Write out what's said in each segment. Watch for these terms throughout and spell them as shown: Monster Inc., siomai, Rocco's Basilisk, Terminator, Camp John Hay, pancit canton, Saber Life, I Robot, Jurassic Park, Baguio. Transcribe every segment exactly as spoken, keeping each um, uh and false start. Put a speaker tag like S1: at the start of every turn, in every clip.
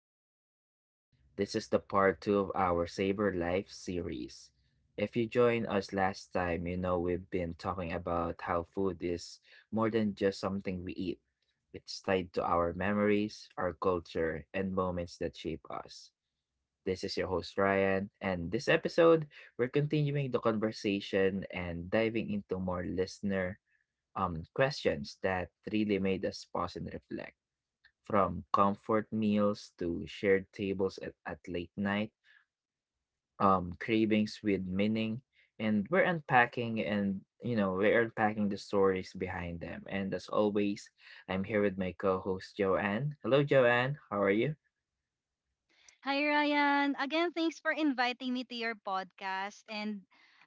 S1: the podcast. This is the part two of our Saber Life series. If you joined us last time, you know we've been talking about how food is more than just something we eat. It's tied to our memories, our culture, and moments that shape us. This is your host Ryan, and this episode we're continuing the conversation and diving into more listener um questions that really made us pause and reflect, from comfort meals to shared tables at, at late night, um, cravings with meaning, and we're unpacking and you know we're unpacking the stories behind them. And as always, I'm here with my co-host Joanne. Hello, Joanne. How are you?
S2: Hi, Ryan. Again, thanks for inviting me to your podcast. And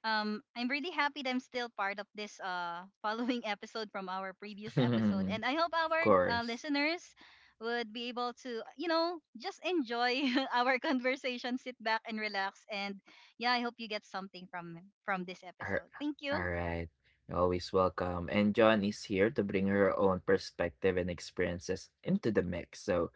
S2: um, I'm really happy that I'm still part of this uh, following episode from our previous episode.
S1: Of
S2: And I hope our uh,
S1: course.
S2: listeners would be able to, you know, just enjoy our conversation, sit back and relax. And yeah, I hope you get something from from this
S1: Ar-
S2: episode. Thank you.
S1: All right. You're always welcome. And John is here to bring her own perspective and experiences into the mix. So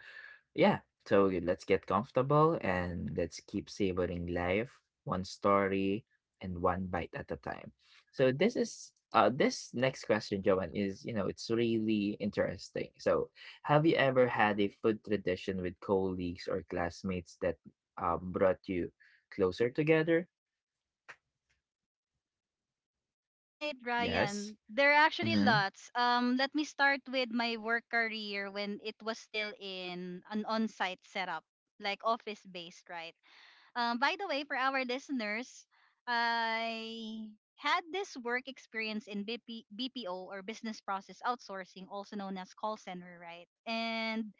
S1: yeah, so let's get comfortable and let's keep savoring life one story and one bite at a time. So this is uh this next question, Joanne, is, you know, it's really interesting. So have you ever had a food tradition with colleagues or classmates that um brought you closer together?
S2: Right,
S1: Yes.
S2: Ryan. There are actually
S1: Mm-hmm.
S2: lots. Um, let me start with my work career when it was still in an on-site setup, like office-based, right? Um, by the way, for our listeners, I had this work experience in BP, B P O or business process outsourcing, also known as call center, right? And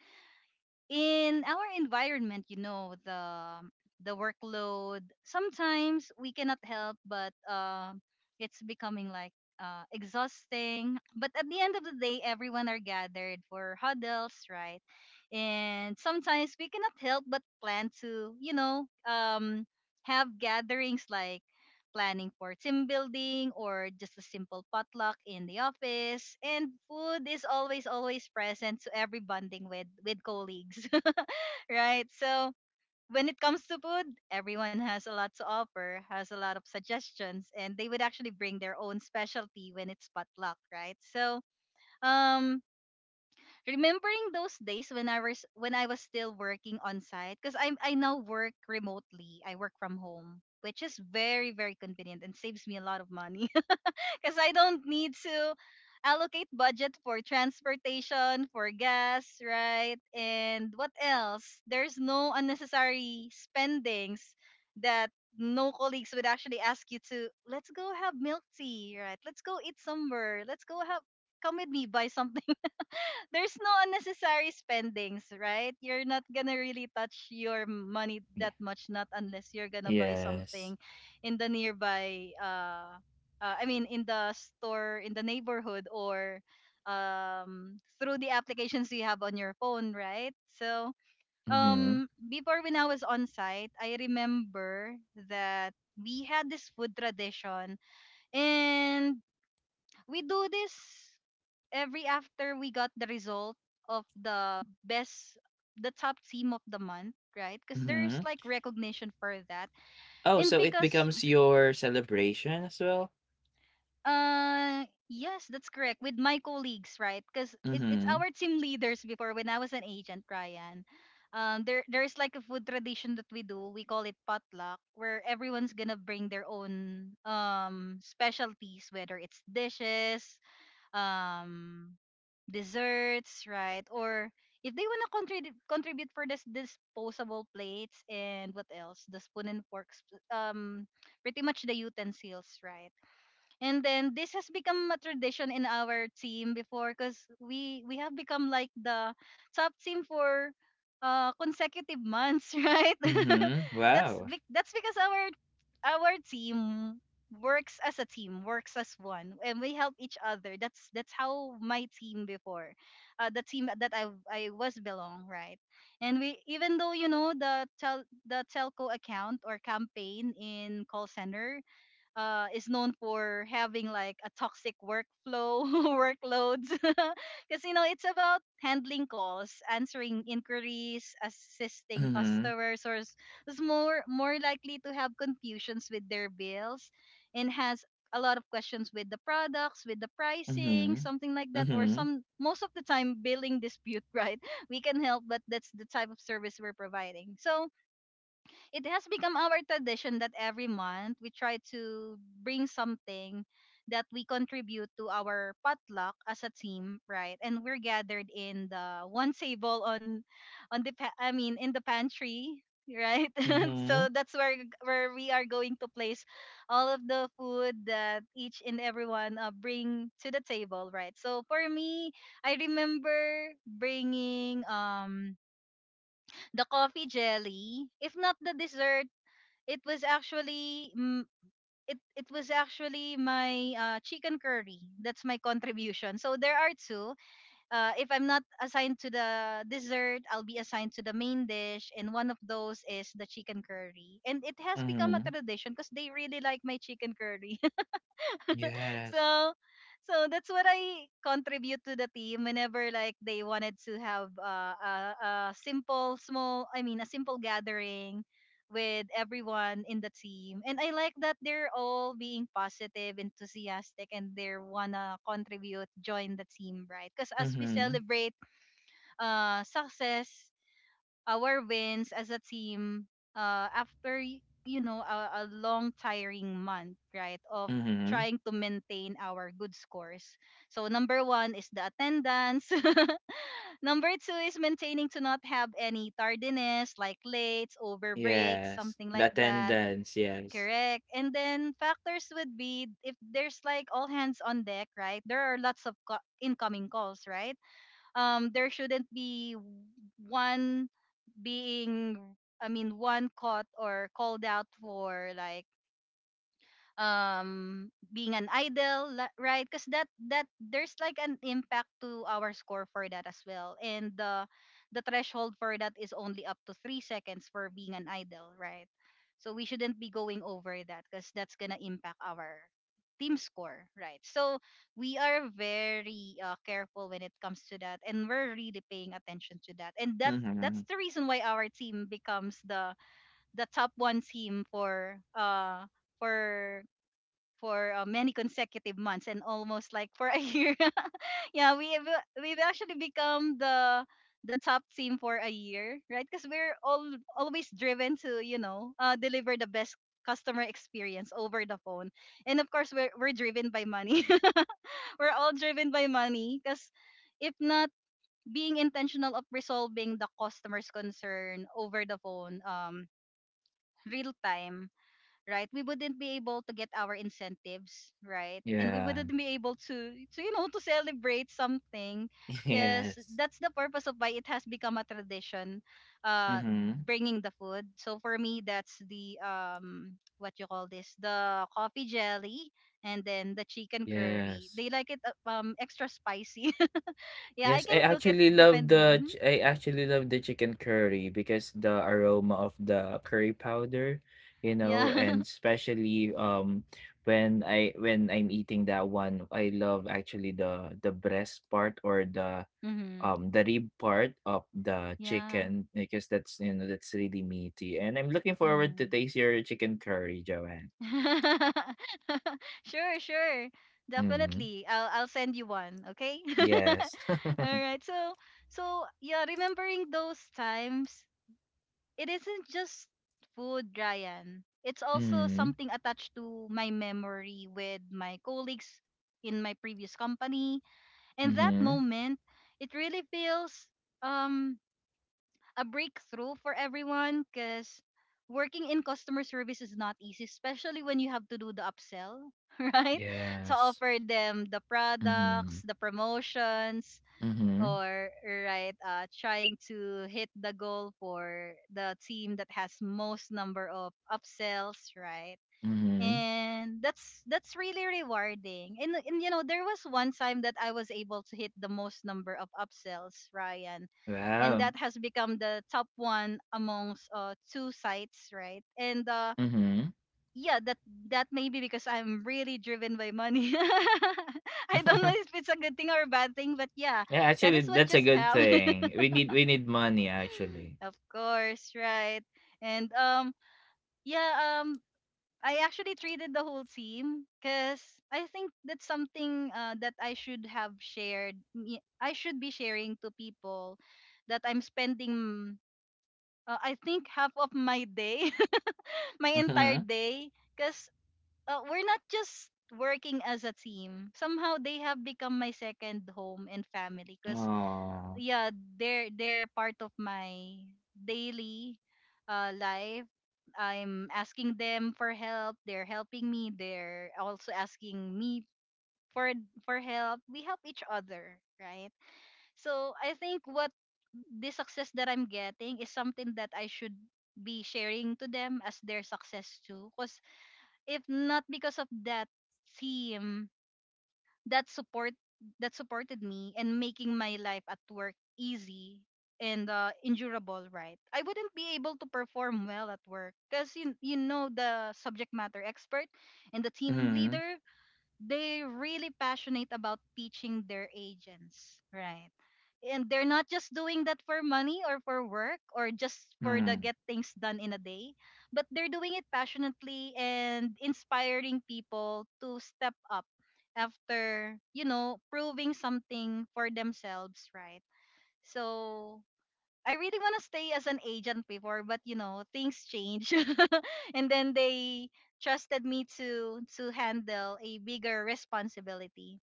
S2: in our environment, you know, the the workload. Sometimes we cannot help, but uh, it's becoming like uh, exhausting. But at the end of the day, everyone are gathered for huddles, right? And sometimes we cannot help but plan to, you know, um, have gatherings like planning for team building or just a simple potluck in the office. And food is always, always present to every bonding with, with colleagues, right? So when it comes to food, everyone has a lot to offer, has a lot of suggestions, and they would actually bring their own specialty when it's potluck, right? So um, remembering those days when I was when I was still working on site because I I now work remotely. I work from home, which is very very convenient and saves me a lot of money because I don't need to allocate budget for transportation, for gas, right? And what else? There's no unnecessary spendings that no colleagues would actually ask you to let's go have milk tea, right? Let's go eat somewhere. Let's go have come with me buy something there's no unnecessary spendings, right? You're not gonna really touch your money
S1: Yeah.
S2: that much, not unless you're gonna buy
S1: Yes.
S2: something in the nearby, uh, uh I mean, in the store in the neighborhood or um through the applications you have on your phone, right? So
S1: Mm-hmm.
S2: um before when I was on site, I remember that we had this food tradition and we do this every after we got the result of the best the top team of the month, right? Because there's
S1: Mm-hmm.
S2: like recognition for that.
S1: Oh,
S2: And
S1: so it
S2: because
S1: becomes your celebration as well?
S2: uh yes, that's correct with my colleagues, right? Because it, it's
S1: Mm-hmm.
S2: our team leaders before when I was an agent, Ryan. um there there's like a food tradition that we do, we call it potluck, where everyone's gonna bring their own um specialties, whether it's dishes, um desserts, right? Or if they want to contribute contribute for this disposable plates and what else? The spoon and forks, um, pretty much the utensils, right? And then this has become a tradition in our team before because we we have become like the top team for uh consecutive months, right?
S1: Mm-hmm.
S2: that's
S1: Wow.
S2: be- that's because our our team works as a team, works as one, and we help each other. That's that's how my team before, uh, the team that I I was belong, right, and we even though you know the tel the telco account or campaign in call center uh, is known for having like a toxic workflow workloads because you know it's about handling calls, answering inquiries, assisting
S1: Mhm.
S2: customers, or is more more likely to have confusions with their bills and has a lot of questions with the products, with the pricing,
S1: Mhm.
S2: something like that, or
S1: Mhm.
S2: some most of the time billing dispute right, we can help but that's the type of service we're providing. So it has become our tradition that every month we try to bring something that we contribute to our potluck as a team, right? And we're gathered in the one table on on the pa- I mean in the pantry, right?
S1: Mhm.
S2: So that's where where we are going to place all of the food that each and everyone uh, bring to the table, right? So for me, I remember bringing um the coffee jelly, if not the dessert, it was actually mm, it it was actually my uh, chicken curry. That's my contribution. So there are two. Uh, if I'm not assigned to the dessert, I'll be assigned to the main dish, and one of those is the chicken curry. And it has become a
S1: Mhm.
S2: tradition because they really like my chicken curry.
S1: Yes.
S2: So so that's what I contribute to the team whenever like they wanted to have uh, a, a simple small I mean a simple gathering with everyone in the team. And I like that they're all being positive, enthusiastic, and they wanna contribute, join the team, right? Because as we
S1: Mhm.
S2: celebrate uh success, our wins as a team, uh, after y- you know, a, a long tiring month, right, of
S1: Mhm.
S2: trying to maintain our good scores. So number one is the attendance. Number two is maintaining to not have any tardiness, like late over breaks,
S1: Yes,
S2: something
S1: the
S2: like that.
S1: attendance, yes.
S2: Correct. And then factors would be if there's like all hands on deck, right, there are lots of co- incoming calls, right? um there shouldn't be one being I mean, one caught or called out for like um being an idol la- right? Because that that there's like an impact to our score for that as well. And the the threshold for that is only up to three seconds for being an idol, right? So we shouldn't be going over that because that's gonna impact our team score, right? So we are very uh, careful when it comes to that and we're really paying attention to that. And that that's
S1: Mhm.
S2: the reason why our team becomes the the top one team for uh for for uh, many consecutive months and almost like for a year. Yeah, we have, uh, we've actually become the the top team for a year, right? Because we're all always driven to, you know, uh, deliver the best customer experience over the phone, and of course we're we're driven by money. We're all driven by money because if not being intentional of resolving the customer's concern over the phone, um, real time, right, we wouldn't be able to get our incentives, right? And we
S1: Yeah.
S2: wouldn't be able to to you know, to celebrate something because
S1: Yes.
S2: that's the purpose of why it has become a tradition, uh
S1: Mhm.
S2: bringing the food. So for me, that's the um what you call this, the coffee jelly, and then the chicken curry.
S1: Yes.
S2: They like it uh, um extra spicy. Yeah, I
S1: Yes.
S2: can
S1: I
S2: cook it
S1: actually love
S2: depending.
S1: the
S2: Mhm.
S1: ch- I actually love the chicken curry because the aroma of the curry powder, you know,
S2: Yeah.
S1: and especially um when I when I'm eating that one, I love actually the the breast part or the
S2: Hmm.
S1: um the rib part of the
S2: Yeah.
S1: chicken because that's, you know, that's really meaty, and I'm looking forward to
S2: Hmm.
S1: taste your chicken curry, Joanne.
S2: Sure, sure.
S1: Hmm.
S2: Definitely. I'll I'll send you one, okay?
S1: Yes.
S2: All right. So so yeah, remembering those times, it isn't just food, Ryan. It's also
S1: Hmm.
S2: something attached to my memory with my colleagues in my previous company. And that
S1: Hmm.
S2: moment, it really feels um a breakthrough for everyone because working in customer service is not easy, especially when you have to do the upsell, right? To
S1: Yes.
S2: offer them the products,
S1: Hmm.
S2: the promotions,
S1: Hmm.
S2: or right, uh, trying to hit the goal for the team that has most number of upsells, right?
S1: Hmm.
S2: And that's that's really rewarding. And and you know, there was one time that I was able to hit the most number of upsells, Ryan, and
S1: Wow.
S2: that has become the top one amongst uh, two sites, right? And uh,
S1: Hmm.
S2: yeah, that that may be because I'm really driven by money. I don't know if it's a good thing or a bad thing, but yeah,
S1: Yeah,
S2: that
S1: actually
S2: is what
S1: that's a
S2: just
S1: good
S2: happened.
S1: thing. We need we need money actually.
S2: Of course, right? And um yeah, um I actually treated the whole team because I think that's something uh, that I should have shared me- I should be sharing to people that I'm spending, uh, I think, half of my day, my entire
S1: Hmm.
S2: day because uh, we're not just working as a team, somehow they have become my second home and family because
S1: Oh.
S2: yeah, they're they're part of my daily uh, life. I'm asking them for help, they're helping me, they're also asking me for for help. We help each other, right? So I think what the success that I'm getting is something that I should be sharing to them as their success too, because if not because of that team, that support that supported me and making my life at work easy and uh, endurable, right, I wouldn't be able to perform well at work because you, you know, the subject matter expert and the team
S1: Hmm.
S2: leader, they're really passionate about teaching their agents, right? And they're not just doing that for money or for work or just for the get
S1: Hmm.
S2: things done in a day, but they're doing it passionately and inspiring people to step up after, you know, proving something for themselves, right? So I really want to stay as an agent before, but you know, things change. And then they trusted me to to handle a bigger responsibility.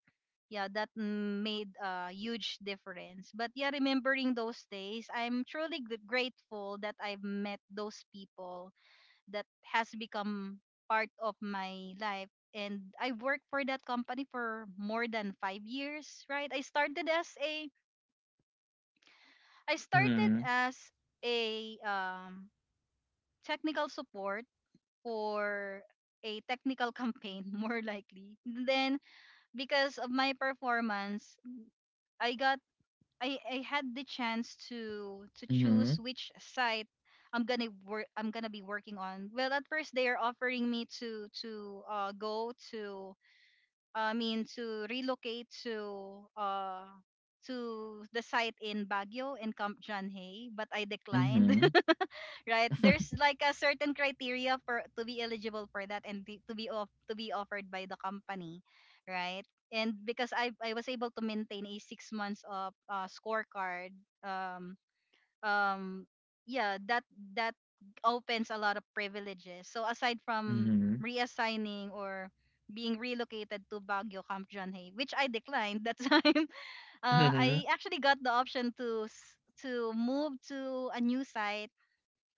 S2: Yeah, that mm, made a huge difference. But yeah, remembering those days, I'm truly gr- grateful that I've met those people that has become part of my life. And I worked for that company for more than five years, right? I started as a I started
S1: Hmm.
S2: as a um technical support or a technical campaign more likely. Then because of my performance, i got i, I had the chance to to choose
S1: Hmm.
S2: which site i'm gonna work I'm gonna be working on. Well, at first they are offering me to to uh, go to, I mean, to relocate to uh to the site in Baguio, in Camp John Hay, but I declined.
S1: Hmm.
S2: Right? There's like a certain criteria for to be eligible for that and be- to be off, to be offered by the company, right? And because I I was able to maintain a six months of uh, scorecard, um um yeah, that that opens a lot of privileges. So aside from
S1: Hmm.
S2: reassigning or being relocated to Baguio, Camp John Hay, which I declined that time, uh, I actually got the option to s- to move to a new site,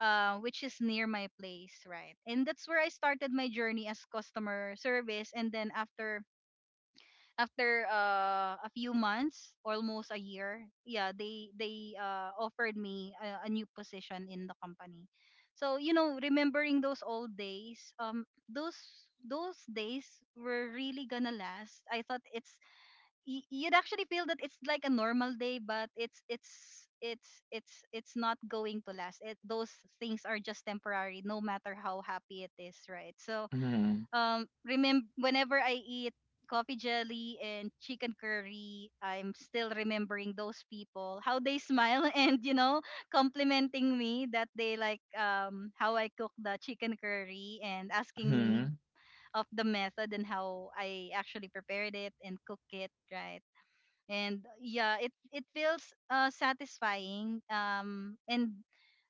S2: uh, which is near my place, right? And that's where I started my journey as customer service. And then after after uh, a few months, almost a year, yeah, they they uh, offered me a, a new position in the company. So you know, remembering those old days, um, those those days were really gonna last. I thought it's y- you'd actually feel that it's like a normal day, but it's it's it's it's it's not going to last it. Those things are just temporary no matter how happy it is, right? So
S1: Hmm.
S2: um remember whenever I eat coffee jelly and chicken curry, I'm still remembering those people, how they smile and you know complimenting me that they like um how I cook the chicken curry and asking me
S1: Mhm.
S2: of the method and how I actually prepared it and cook it, right? And yeah, it it feels uh satisfying, um and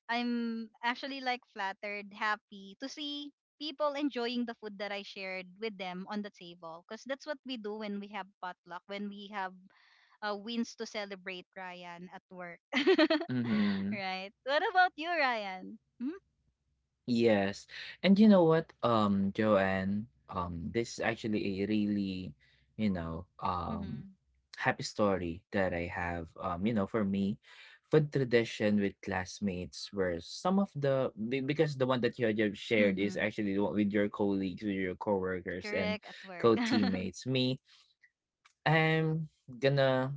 S2: I'm actually like flattered, happy to see people enjoying the food that I shared with them on the table, because that's what we do when we have potluck, when we have uh, wins to celebrate, Ryan, at work.
S1: Mhm.
S2: Right? What about you, Ryan? Hmm?
S1: Yes. And you know what, um, Joanne, um, this is actually a really, you know, um,
S2: Mm-hmm.
S1: happy story that I have. Um, you know, for me, food tradition with classmates were some of the be- because the one that you had you shared is
S2: Mm-hmm.
S1: actually the one with your colleagues, with your coworkers and
S2: Correct, at work.
S1: co-teammates. Me, I'm gonna,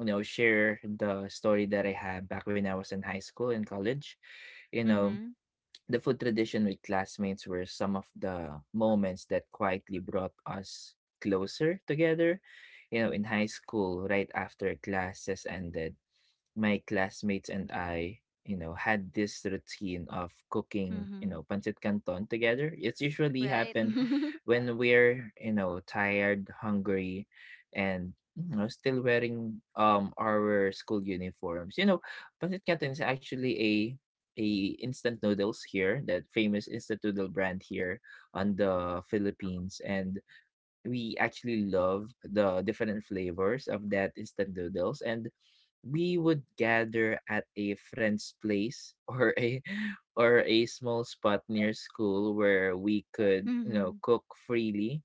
S1: you know, share the story that I had back when I was in high school and college. You know,
S2: Mm-hmm.
S1: the food tradition with classmates were some of the moments that quietly brought us closer together. You know, in high school, right after classes ended, my classmates and I, you know, had this routine of cooking, you
S2: Mm-hmm.
S1: know, pancit canton together. It's usually
S2: Right.
S1: happened when we're, you know, tired, hungry, and you know, still wearing um our school uniforms. You know, pancit canton is actually a a instant noodles here, that famous instant noodle brand here on the Philippines, and we actually love the different flavors of that instant noodles, and we would gather at a friend's place or a or a small spot near school where we could, you know,
S2: Mm-hmm.
S1: cook freely.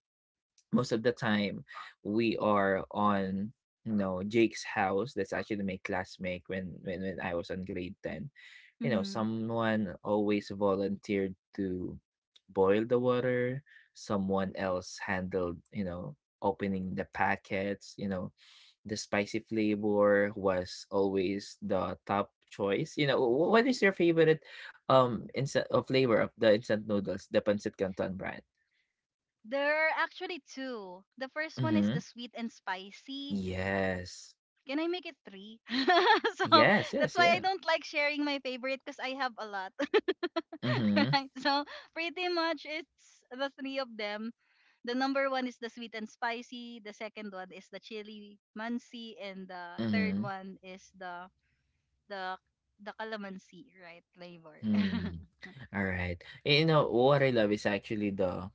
S1: Most of the time we are on, you know, Jake's house. That's actually my classmate when when, when I was on grade ten. You know,
S2: Mm-hmm.
S1: someone always volunteered to boil the water, someone else handled, you know, opening the packets. You know, the spicy flavor was always the top choice. You know, wh- what is your favorite um instant uh, flavor of the instant noodles, the pancit canton brand?
S2: There are actually two. The first one is
S1: Mm-hmm.
S2: the sweet and spicy.
S1: Yes.
S2: Can I make it three? So
S1: Yes,
S2: that's
S1: yes,
S2: why I
S1: yeah.
S2: don't like sharing my favorite, because I have a lot.
S1: Mm-hmm.
S2: Right? So pretty much it's the three of them. The number one is the sweet and spicy. The second one is the chili mansi, and the third
S1: Mm-hmm.
S2: one is the the the calamansi, right? Flavor.
S1: Mm. All right. You know, what I love is actually the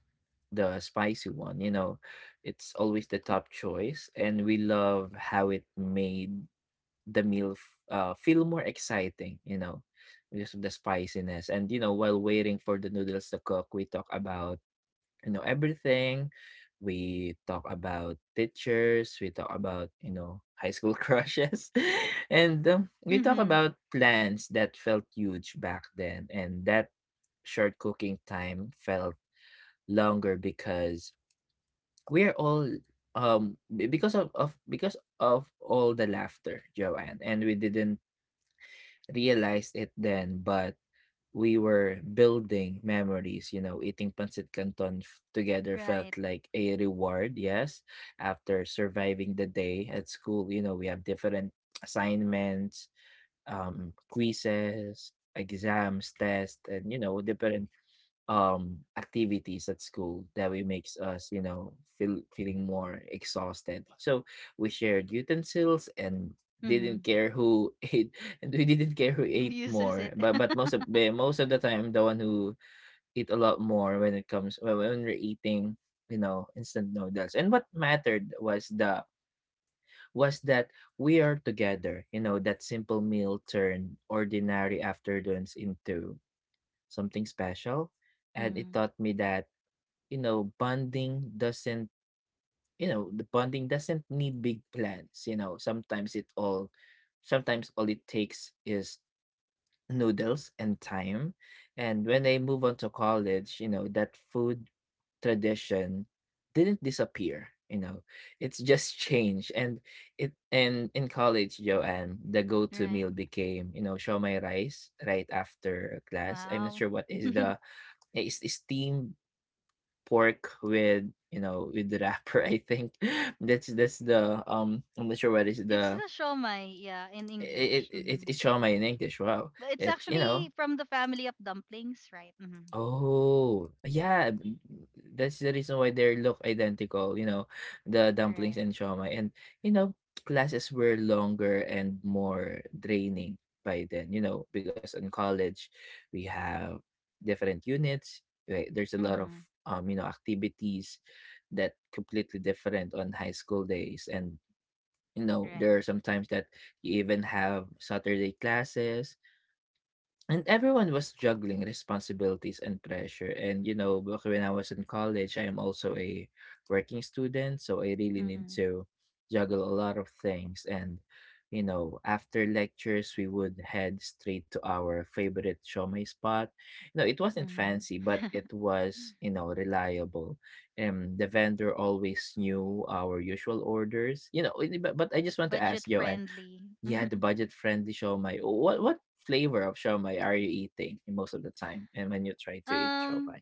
S1: the spicy one. You know, it's always the top choice, and we love how it made the meal f- uh, feel more exciting, you know, because of the spiciness. And you know, while waiting for the noodles to cook, we talk about, you know, everything. We talk about teachers. We talk about, you know, high school crushes, and um, we talk
S2: Mm-hmm.
S1: about plans that felt huge back then, and that short cooking time felt longer because we are all um be- because of, of because of all the laughter, Joanne, and we didn't realized it then, but we were building memories. You know, eating pancit canton f- together felt
S2: Right.
S1: like a reward. Yes, after surviving the day at school, you know, we have different assignments, um, quizzes, exams, tests, and you know, different um activities at school that we makes us, you know, feel feeling more exhausted, so we shared utensils and
S2: Mm-hmm.
S1: didn't care who ate, and we didn't care who
S2: Who
S1: ate
S2: uses it?
S1: more, but but most of the most of the time the one who eat a lot more when it comes when when we're eating, you know, instant noodles. And what mattered was the was that we are together. You know, that simple meal turned ordinary afternoons into something special, and it
S2: Mm.
S1: taught me that, you know, bonding doesn't, you know, the bonding doesn't need big plans. You know, sometimes it all, sometimes all it takes is noodles and time. And when I move on to college, you know, that food tradition didn't disappear. You know, it's just changed. And it and In college, Joanne, the go-to
S2: Right.
S1: meal became, you know, show my rice right after class. I'm not
S2: Wow.
S1: sure what is the, it's steamed pork with, you know, with the wrapper, I think that's that's the um I'm not sure what is
S2: It's
S1: the,
S2: the shomai, yeah, in
S1: it
S2: English.
S1: it, it
S2: Hmm.
S1: it's show in English. Wow.
S2: But it's
S1: It's, you know,
S2: actually from the family of dumplings, right? Hmm.
S1: oh, yeah, b that's the reason why they look identical, you know, the dumplings
S2: Correct.
S1: and siomai, and, you know, classes were longer and more draining by then, you know, because in college we have different units, right? There's a lot of,
S2: Hmm.
S1: um, you know, activities that completely different on high school days, and, you know,
S2: Right.
S1: there are sometimes that you even have Saturday classes, and everyone was juggling responsibilities and pressure. And, you know, back when I was in college, I am also a working student. So I really need
S2: Hmm.
S1: to juggle a lot of things. And, you know, after lectures, we would head straight to our favorite shomai spot. You know, it wasn't
S2: Hmm.
S1: fancy, but it was, you know, reliable. And the vendor always knew our usual orders. You know, it- but, but I just want to ask,
S2: Budget
S1: Joanne,
S2: friendly.
S1: yeah, the budget-friendly siomai. What what flavor of siomai are you eating most of the time? And when you try to eat
S2: um,
S1: siomai?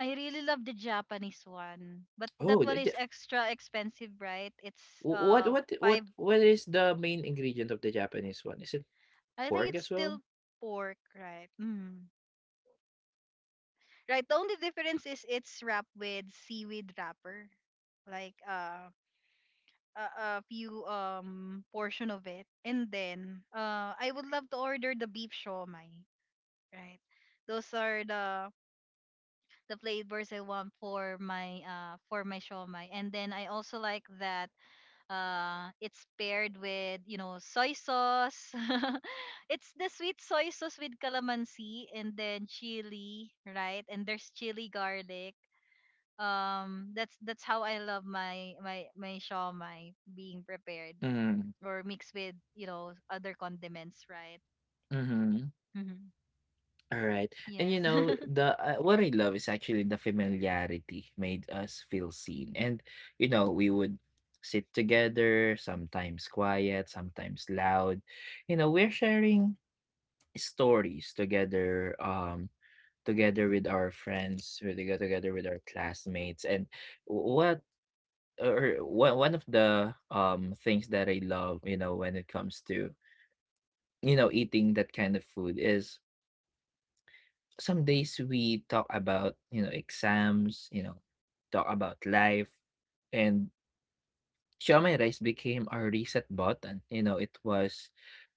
S2: I really love the Japanese one, but that
S1: Oh, the
S2: one
S1: Ja
S2: is extra expensive, right? It's
S1: wh what
S2: uh
S1: what what
S2: five.
S1: what is the main ingredient of the Japanese one? Is it
S2: I think
S1: pork
S2: it's
S1: as well?
S2: still pork, right? Mm. Right. The only difference is it's wrapped with seaweed wrapper, like uh a, a few um portion of it, and then uh I would love to order the beef shawmai, right? Those are the the flavors I want for my uh for my shawmai. And then I also like that uh it's paired with, you know, soy sauce. It's the sweet soy sauce with calamansi and then chili, right? And there's chili garlic. um that's that's how I love my my my shawmai being prepared
S1: Mm.
S2: or mixed with, you know, other condiments, right?
S1: Mhm.
S2: Mm-hmm.
S1: Alright. And
S2: Yes.
S1: you know, the uh, what I love is actually the familiarity made us feel seen. And you know, we would sit together, sometimes quiet, sometimes loud. You know, we're sharing stories together um together with our friends, we go together with our classmates. And what, or one one of the um things that I love, you know, when it comes to, you know, eating that kind of food is some days we talk about, you know, exams, you know, talk about life, and siomai rice became our reset button. You know, it was,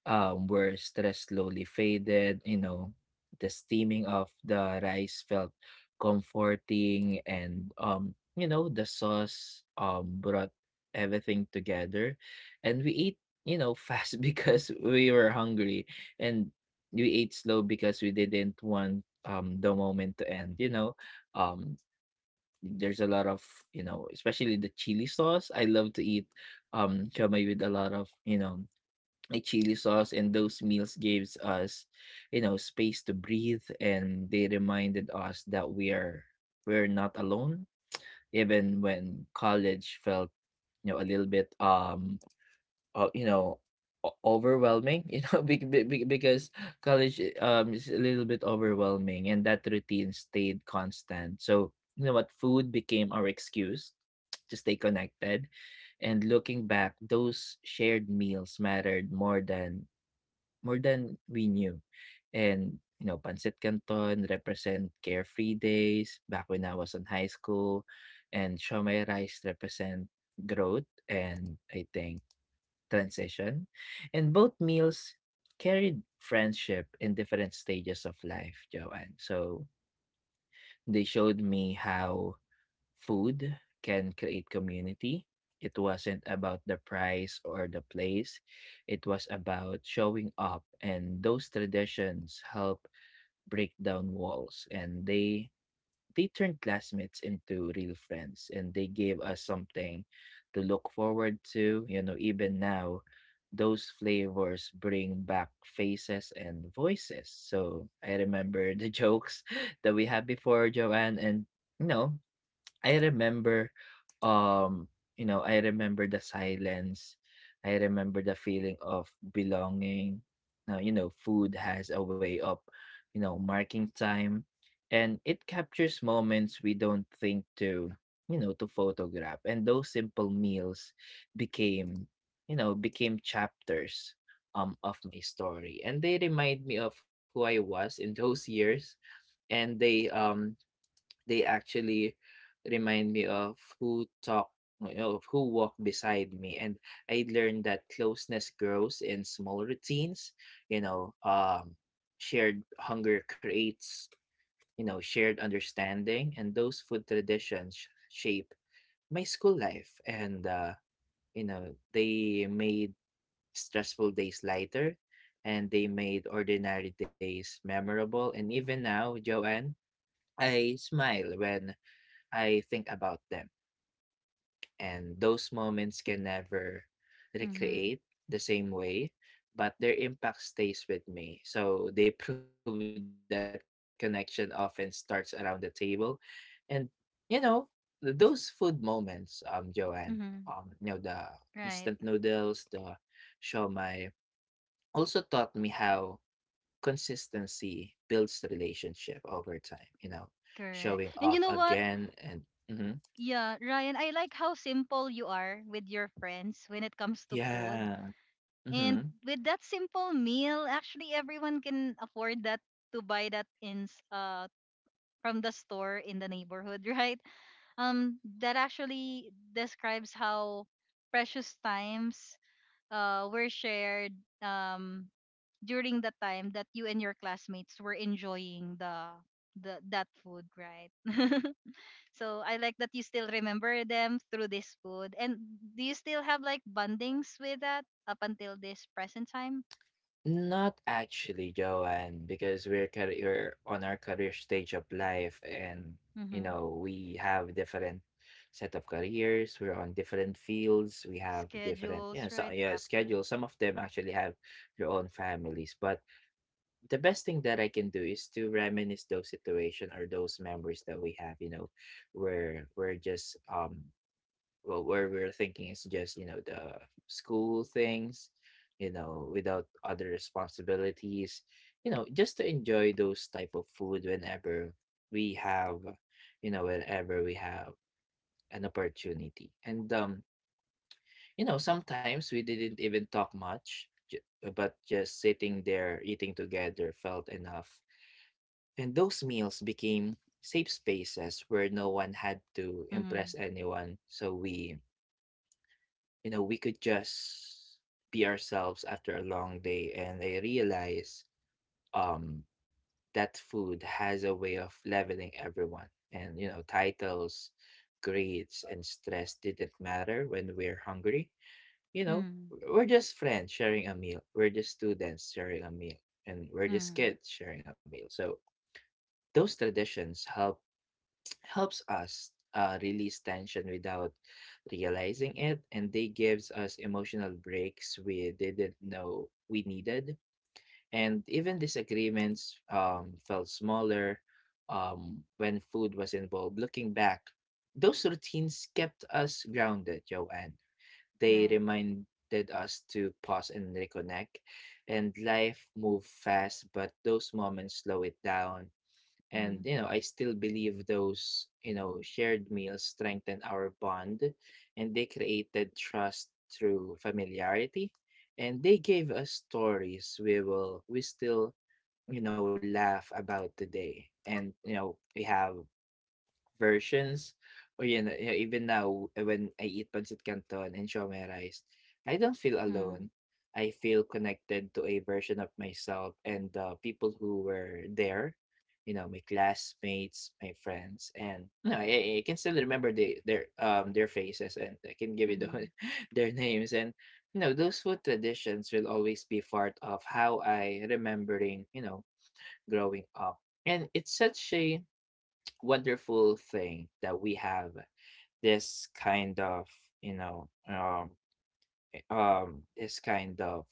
S1: um, where stress slowly faded. You know, the steaming of the rice felt comforting, and, um, you know, the sauce, um, brought everything together, and we ate, you know, fast because we were hungry, and we ate slow because we didn't want, um, the moment to end. You know, um, there's a lot of, you know, especially the chili sauce. I love to eat um chamay with a lot of, you know, a chili sauce, and those meals gives us, you know, space to breathe, and they reminded us that we are, we're not alone even when college felt, you know, a little bit um uh, you know, o- overwhelming, you know, bec- be- be- because college um is a little bit overwhelming, and that routine stayed constant. So you know what, food became our excuse to stay connected, and looking back, those shared meals mattered more than more than we knew. And you know, pancit canton represent carefree days back when I was in high school, and shomai rice represent growth and, I think, transition, and both meals carried friendship in different stages of life, Joanne. So they showed me how food can create community. It wasn't about the price or the place. It was about showing up, and those traditions help break down walls, and they they turned classmates into real friends, and they gave us something to look forward to. You know, even now, those flavors bring back faces and voices. So I remember the jokes that we had before, Joanne, and you know, I remember, um, you know, I remember the silence. I remember the feeling of belonging. Now, you know, food has a way of, you know, marking time, and it captures moments we don't think to, you know, to photograph. And those simple meals became, you know, became chapters um of my story. And they remind me of who I was in those years. And they um they actually remind me of who talked you know, of who walked beside me, and I learned that closeness grows in small routines. you know um Shared hunger creates you know shared understanding, and those food traditions sh- shape my school life. And uh you know they made stressful days lighter, and they made ordinary days memorable. And even now, Joanne, I smile when I think about them, and those moments can never
S2: Mm-hmm.
S1: recreate the same way, but their impact stays with me. So they prove that connection often starts around the table, and you know th- those food moments, um, Joanne, um, you know the
S2: Mm-hmm.
S1: instant
S2: Right.
S1: noodles, the shawmai, also taught me how consistency builds relationship over time. You know, showing
S2: Correct.
S1: up
S2: And you know what,
S1: again and. Mhm.
S2: yeah, Ryan, I like how simple you are with your friends when it comes to food.
S1: Yeah.
S2: And
S1: Mm-hmm.
S2: with that simple meal, actually, everyone can afford that to buy that in s- uh from the store in the neighborhood. Right? um that actually describes how precious times uh were shared, um during the time that you and your classmates were enjoying the the that food, right? So I like that you still remember them through this food. And do you still have like bondings with that up until this present time?
S1: Not actually, Joanne, because we're car- we're on our career stage of life, and you
S2: Mm-hmm.
S1: know we have different set of careers. We're on different fields. We have different you know
S2: Schedules,
S1: so,
S2: right?
S1: yeah,
S2: Factor.
S1: schedules. Some of them actually have their own families. But the best thing that I can do is to reminisce those situation or those memories that we have. You know, where we're just um well, where we're thinking is just you know the school things, you know without other responsibilities, you know just to enjoy those type of food whenever we have you know whenever we have an opportunity. And um you know sometimes we didn't even talk much ju- but just sitting there eating together felt enough. And those meals became safe spaces where no one had to
S2: Mm-hmm.
S1: impress anyone, so we you know, we could just be ourselves after a long day. And I realize, um, that food has a way of leveling everyone. And, you know, titles, grades, and stress didn't matter when we're hungry. You know,
S2: Mm-hmm.
S1: we're just friends sharing a meal, we're just students sharing a meal, and we're just
S2: Mm-hmm.
S1: kids sharing a meal. So those traditions help helps us, uh, release tension without realizing it, and they gives us emotional breaks we didn't know we needed. And even disagreements, um, felt smaller, um, when food was involved. Looking back, those routines kept us grounded, Joanne. They
S2: Right.
S1: reminded us to pause and reconnect, and life moved fast, but those moments slow it down. And,
S2: Mm-hmm.
S1: you know, I still believe those, you know, shared meals strengthen our bond, and they created trust through familiarity. And they gave us stories we will, we still, you know, laugh about today. And, you know, we have versions, or you know, yeah, even now when I eat pancit canton and siomai rice, I don't feel
S2: Mm-hmm.
S1: alone. I feel connected to a version of myself and the people who were there, you know, my classmates, my friends, and no, I, I can still remember the, their um their faces, and I can give you
S2: Mm-hmm.
S1: the, their names. And you know those food traditions will always be part of how I remembering, you know growing up. And it's such a wonderful thing that we have this kind of you know um, eh, um this kind of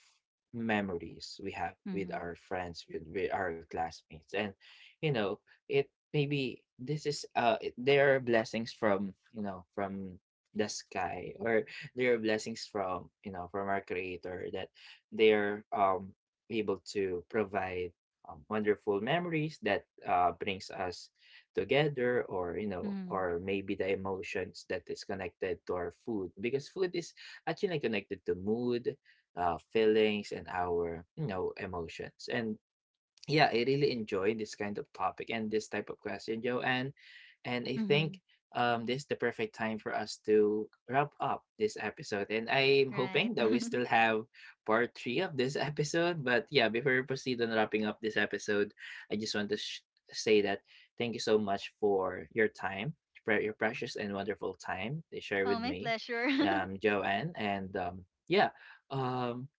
S1: memories we have with
S2: Mm-hmm.
S1: our friends, with, with our classmates. And you know it, maybe this is uh it- there are blessings from, you know from the sky, or there are blessings from, you know from our creator, that they're um able to provide, um, wonderful memories that uh brings us together, or you know
S2: Mm-hmm.
S1: or maybe the emotions that is connected to our food, because food is actually connected to mood, uh, feelings, and our you know emotions. And yeah, I really enjoy this kind of topic and this type of question, Joanne. And I think,
S2: Mm-hmm.
S1: um, this is the perfect time for us to wrap up this episode. And I'm
S2: Right.
S1: hoping that we still have part three of this episode. But yeah, before we proceed on wrapping up this episode, I just want to sh- say that thank you so much for your time, for your precious and wonderful time they share
S2: Oh,
S1: with
S2: my
S1: me,
S2: pleasure.
S1: um, Joanne. And um, yeah, um,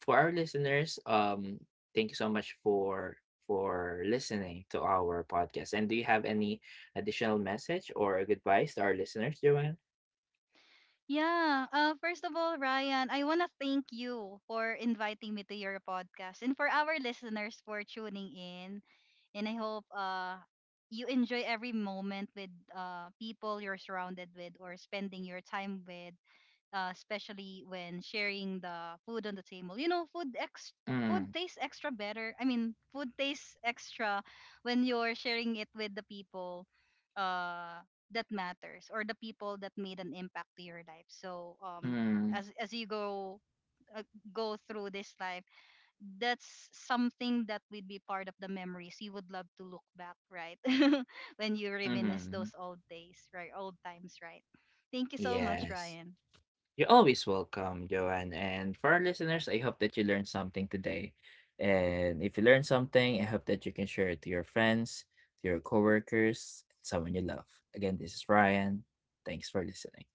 S1: for our listeners, um, thank you so much for for listening to our podcast. And do you have any additional message or advice to our listeners, Joanne?
S2: Yeah. Uh, first of all, Ryan, I want to thank you for inviting me to your podcast and for our listeners for tuning in. And I hope uh, you enjoy every moment with uh, people you're surrounded with or spending your time with, uh, especially when sharing the food on the table. You know, food ex food
S1: Mm,
S2: tastes extra better. I mean, food tastes extra when you're sharing it with the people uh, that matters, or the people that made an impact to your life. So um,
S1: mm,
S2: as as you go, uh, go through this life, that's something that would be part of the memories you would love to look back, right? When you reminisce
S1: mm-hmm.
S2: those old days, right? Old times, right? Thank you so much,
S1: Yes.
S2: Ryan.
S1: You're always welcome, Joanne. And for our listeners, I hope that you learned something today. And if you learned something, I hope that you can share it to your friends, to your coworkers, someone you love. Again, this is Ryan. Thanks for listening.